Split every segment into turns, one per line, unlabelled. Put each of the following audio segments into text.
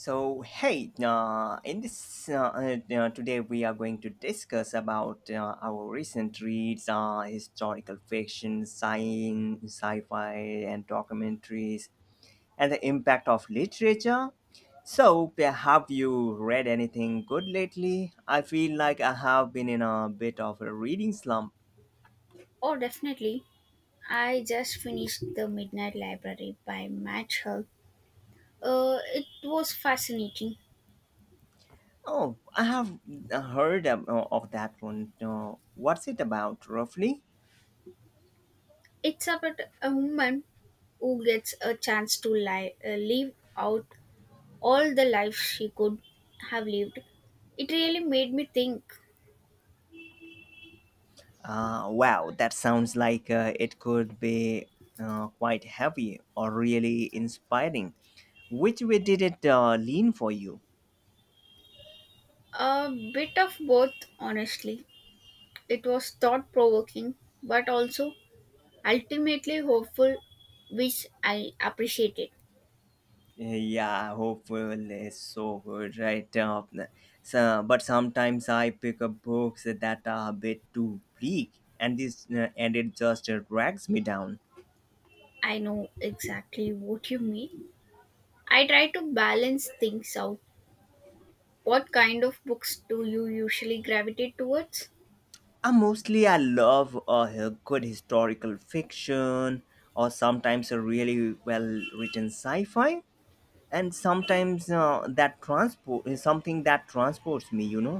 So hey, in this today we are going to discuss about our recent reads, historical fiction, science, sci-fi, and documentaries, and the impact of literature. So have you read anything good lately? I feel like I have been in a bit of a reading slump.
Oh, definitely. I just finished The Midnight Library by Matt Hall. It was fascinating.
Oh, I have heard of that one. What's it about, roughly?
It's about a woman who gets a chance to live out all the life she could have lived. It really made me think
Wow, that sounds like it could be quite heavy or really inspiring. Which way did it lean for you?
a bit of both, honestly. It was thought provoking, but also ultimately hopeful, which I appreciated.
Yeah, hopeful is so good, right? But sometimes I pick up books that are a bit too bleak, and this and it just drags me down.
I know exactly what you mean. I try to balance things out. What kind of books do you usually gravitate towards?
Mostly, I love good historical fiction or sometimes a really well written sci-fi. And sometimes that transport is something that transports me, you know.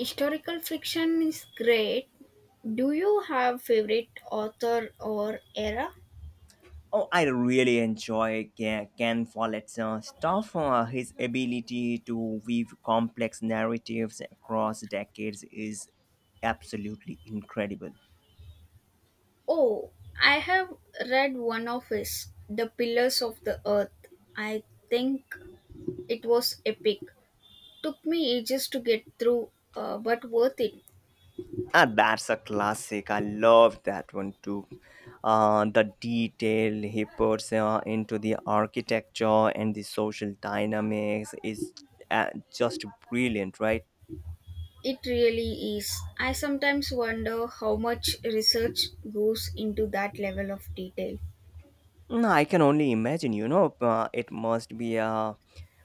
Historical fiction is great. Do you have favorite author or era?
Oh, I really enjoy Ken Follett's stuff. His ability to weave complex narratives across decades is absolutely incredible.
Oh, I have read one of his, The Pillars of the Earth. I think it was epic. Took me ages to get through, but worth it.
Ah, that's a classic. I love that one too. The detail he puts into the architecture and the social dynamics is just brilliant, right?
It really is. I sometimes wonder how much research goes into that level of detail.
Mm, I can only imagine, you know, it must be a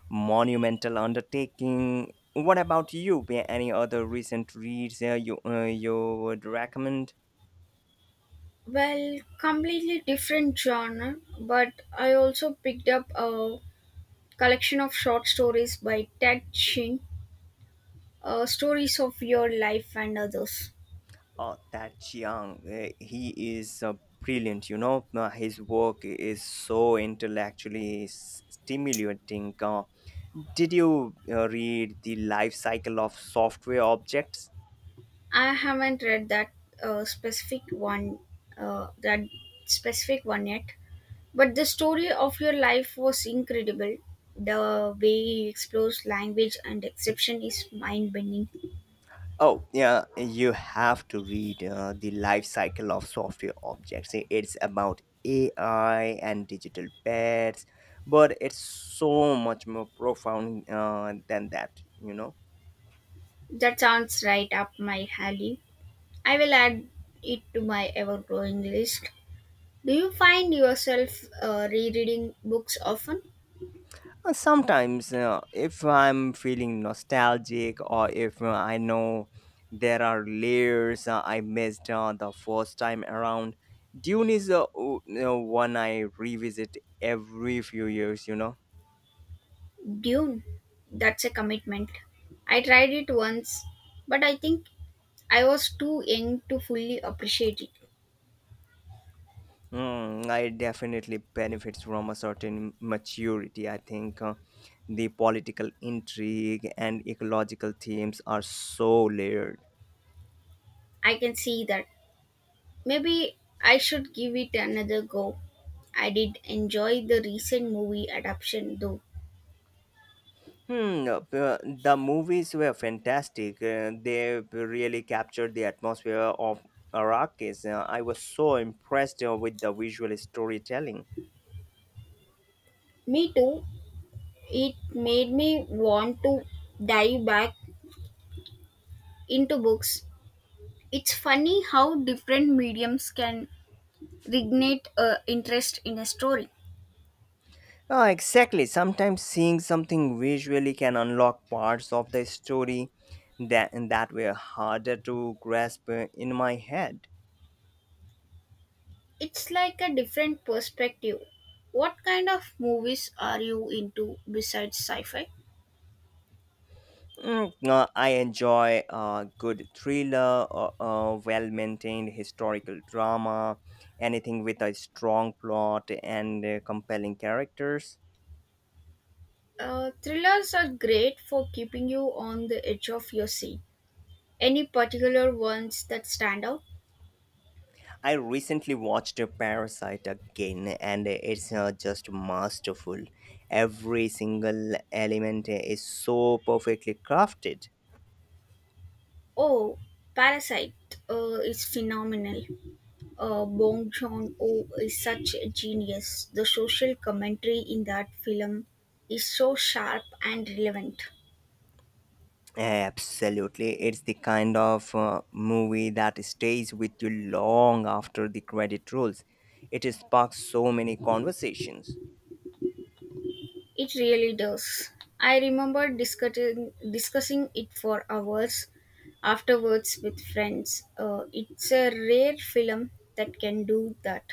monumental undertaking. What about you? Be Any other recent reads you would recommend?
Well, completely different genre, but I also picked up a collection of short stories by Ted Ching, Stories of Your Life and Others.
Oh, that Chiang, he is brilliant, you know. His work is so intellectually stimulating. Did you read The Life Cycle of Software Objects?
I haven't read that specific one, that specific one yet, but the story of your life was incredible. The way he explores language and exception is mind-bending.
Oh, yeah, you have to read The Life Cycle of Software Objects. It's about AI and digital pets, but it's so much more profound than that, you know.
That sounds right up my alley. I will add it to my ever-growing list. Do you find yourself rereading books often?
Sometimes, if I'm feeling nostalgic or if I know there are layers I missed the first time around, Dune is one I revisit every few years, you know.
Dune, that's a commitment. I tried it once, but I think I was too young to fully appreciate it.
Mm, I definitely benefits from a certain maturity. I think the political intrigue and ecological themes are so layered.
I can see that. Maybe I should give it another go. I did enjoy the recent movie adaptation though.
Hmm, the movies were fantastic. They really captured the atmosphere of Arrakis. I was so impressed with the visual storytelling.
Me too. It made me want to dive back into books. It's funny how different mediums can reignite a interest in a story.
Ah, exactly. Sometimes seeing something visually can unlock parts of the story that were harder to grasp in my head.
It's like a different perspective. What kind of movies are you into besides sci fi?
Mm, I enjoy a good thriller, a well-maintained historical drama, anything with a strong plot and compelling characters.
Thrillers are great for keeping you on the edge of your seat. Any particular ones that stand out?
I recently watched Parasite again, and it's just masterful. Every single element is so perfectly crafted.
Oh, Parasite is phenomenal. Bong Joon Ho is such a genius. The social commentary in that film is so sharp and relevant.
Absolutely. It's the kind of movie that stays with you long after the credit rolls. It sparks so many conversations.
It really does. I remember discussing it for hours afterwards with friends. It's a rare film that can do that.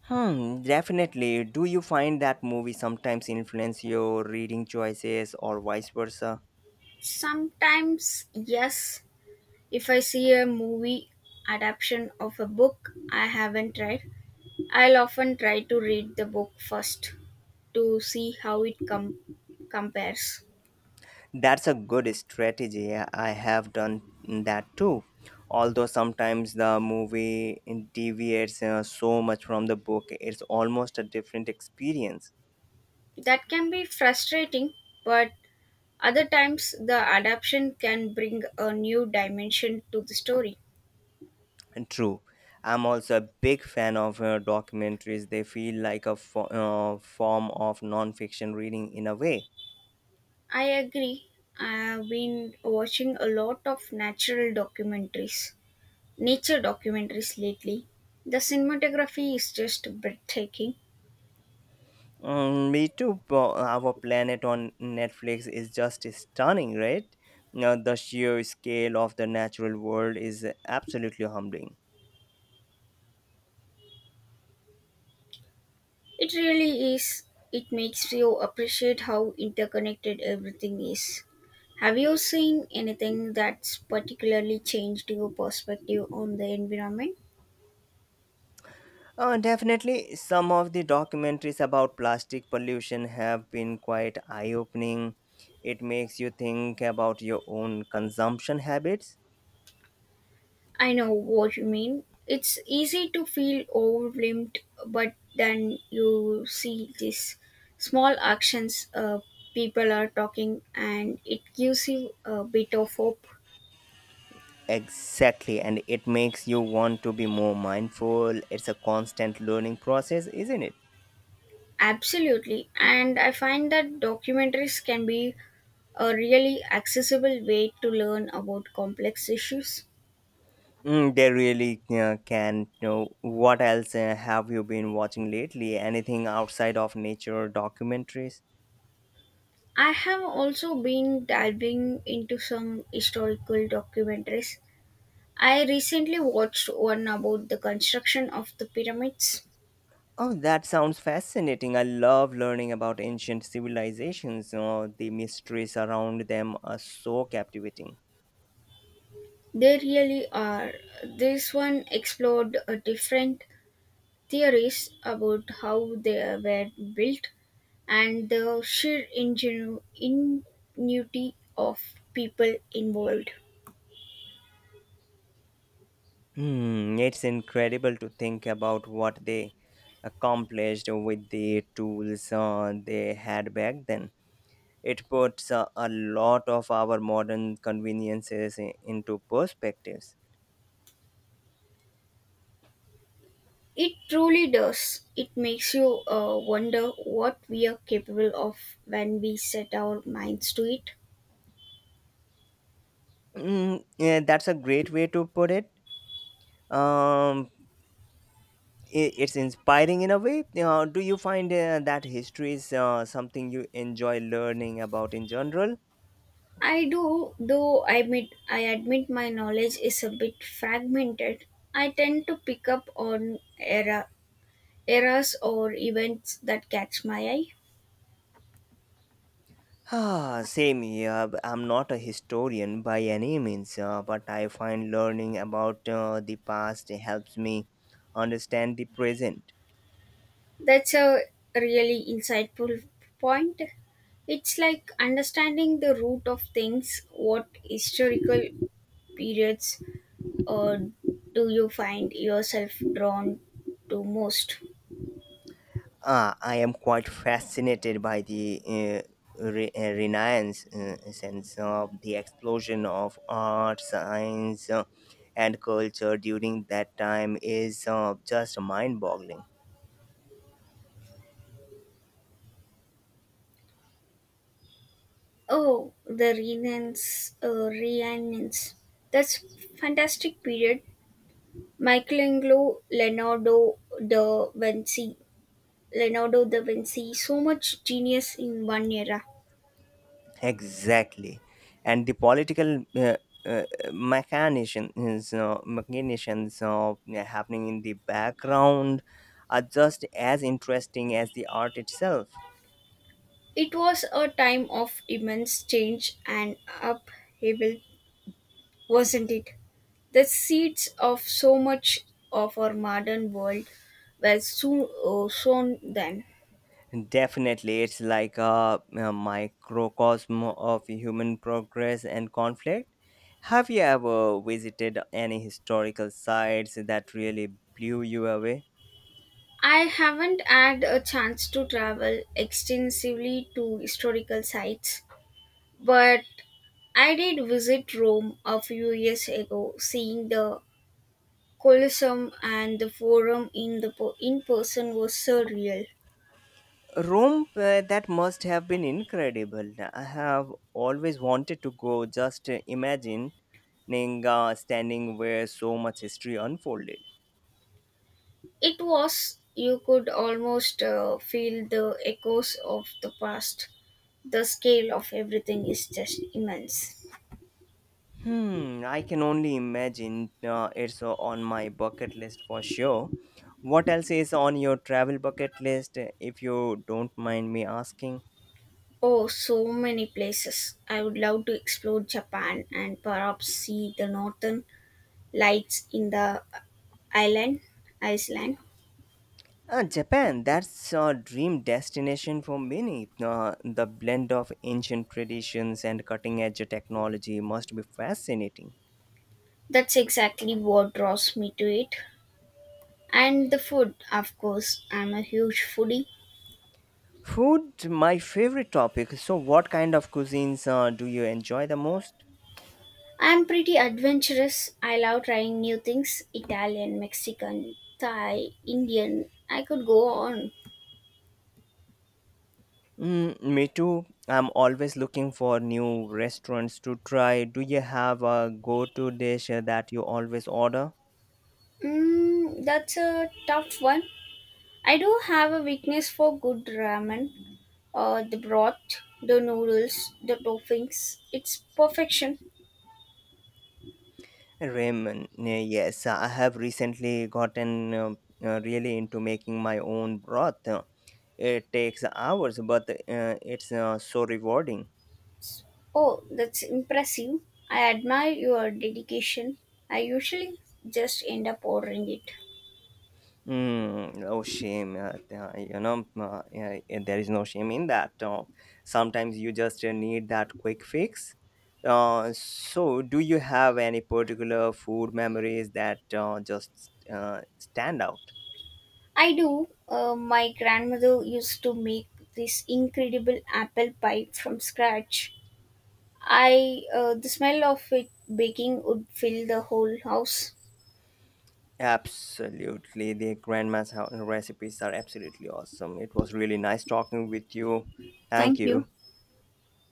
Hmm, definitely. Do you find that movies sometimes influence your reading choices or vice versa?
Sometimes, yes, if I see a movie adaptation of a book I haven't read, I'll often try to read the book first to see how compares.
That's a good strategy. I have done that too. Although sometimes the movie deviates so much from the book, it's almost a different experience.
That can be frustrating, but other times, the adaptation can bring a new dimension to the story.
And true, I'm also a big fan of documentaries. They feel like a form of non-fiction reading in a way.
I agree. I've been watching a lot of nature documentaries lately. The cinematography is just breathtaking.
Mm, me too. Our Planet on Netflix is just stunning, right? Now, the sheer scale of the natural world is absolutely humbling.
It really is. It makes you appreciate how interconnected everything is. Have you seen anything that's particularly changed your perspective on the environment?
Definitely, some of the documentaries about plastic pollution have been quite eye opening. It makes you think about your own consumption habits.
I know what you mean. It's easy to feel overwhelmed, but then you see these small actions people are talking, and it gives you a bit of hope.
Exactly, and it makes you want to be more mindful. It's a constant learning process, isn't it?
Absolutely, and I find that documentaries can be a really accessible way to learn about complex issues.
They really can know what else have you been watching lately? Anything outside of nature documentaries?
I have also been diving into some historical documentaries. I recently watched one about the construction of the pyramids.
Oh, that sounds fascinating. I love learning about ancient civilizations. Oh, the mysteries around them are so captivating.
They really are. This one explored different theories about how they were built and the sheer ingenuity of people involved.
Hmm, it's incredible to think about what they accomplished with the tools they had back then. It puts a lot of our modern conveniences into perspectives.
It truly does. It makes you wonder what we are capable of when we set our minds to it.
Mm, yeah, that's a great way to put it. Um, it's inspiring in a way. Do you find that history is something you enjoy learning about in general?
I do, though I admit my knowledge is a bit fragmented. I tend to pick up on errors or events that catch my eye.
Ah, same here. I'm not a historian by any means, but I find learning about the past helps me understand the present.
That's a really insightful point. It's like understanding the root of things. What historical periods uh, do you find yourself drawn to most?
Ah, I am quite fascinated by the renaissance sense of the explosion of art, science, and culture during that time is just mind-boggling.
Oh, the Rhiannons. That's fantastic period. Michelangelo, da Vinci, Leonardo da Vinci, so much genius in one era.
Exactly, and the political uh, machinations of happening in the background are just as interesting as the art itself.
It was a time of immense change and upheaval, wasn't it? The seeds of so much of our modern world were soon sown then.
Definitely, it's like a microcosm of human progress and conflict. Have you ever visited any historical sites that really blew you away?
I haven't had a chance to travel extensively to historical sites, but I did visit Rome a few years ago. Seeing the Colosseum and the forum in person was surreal.
Rome, that must have been incredible. I have always wanted to go, just imagining standing where so much history unfolded.
It was. You could almost feel the echoes of the past. The scale of everything is just immense.
Hmm, I can only imagine it's on my bucket list for sure. What else is on your travel bucket list, if you don't mind me asking?
Oh, so many places. I would love to explore Japan and perhaps see the northern lights in the island, Iceland.
Japan, that's a dream destination for many. The blend of ancient traditions and cutting edge technology must be fascinating.
That's exactly what draws me to it. And the food, of course. I'm a huge foodie.
Food, my favorite topic. So, what kind of cuisines do you enjoy the most?
I'm pretty adventurous. I love trying new things. Italian, Mexican, Thai, Indian. I could go on.
Mm, me too. I'm always looking for new restaurants to try. Do you have a go-to dish that you always order?
Mm, that's a tough one. I do have a weakness for good ramen. The broth, the noodles, the toppings. It's perfection.
Ramen. Yes, I have recently gotten really into making my own broth. It takes hours, but it's so rewarding.
Oh, that's impressive. I admire your dedication. I usually just end up ordering it.
Mm, no shame yeah, yeah, there is no shame in that, sometimes you just need that quick fix. So do you have any particular food memories that just stand out?
I do. My grandmother used to make this incredible apple pie from scratch. I the smell of it baking would fill the whole house.
Absolutely, the recipes are absolutely awesome. It was really nice talking with you. Thank
Thank you.
you.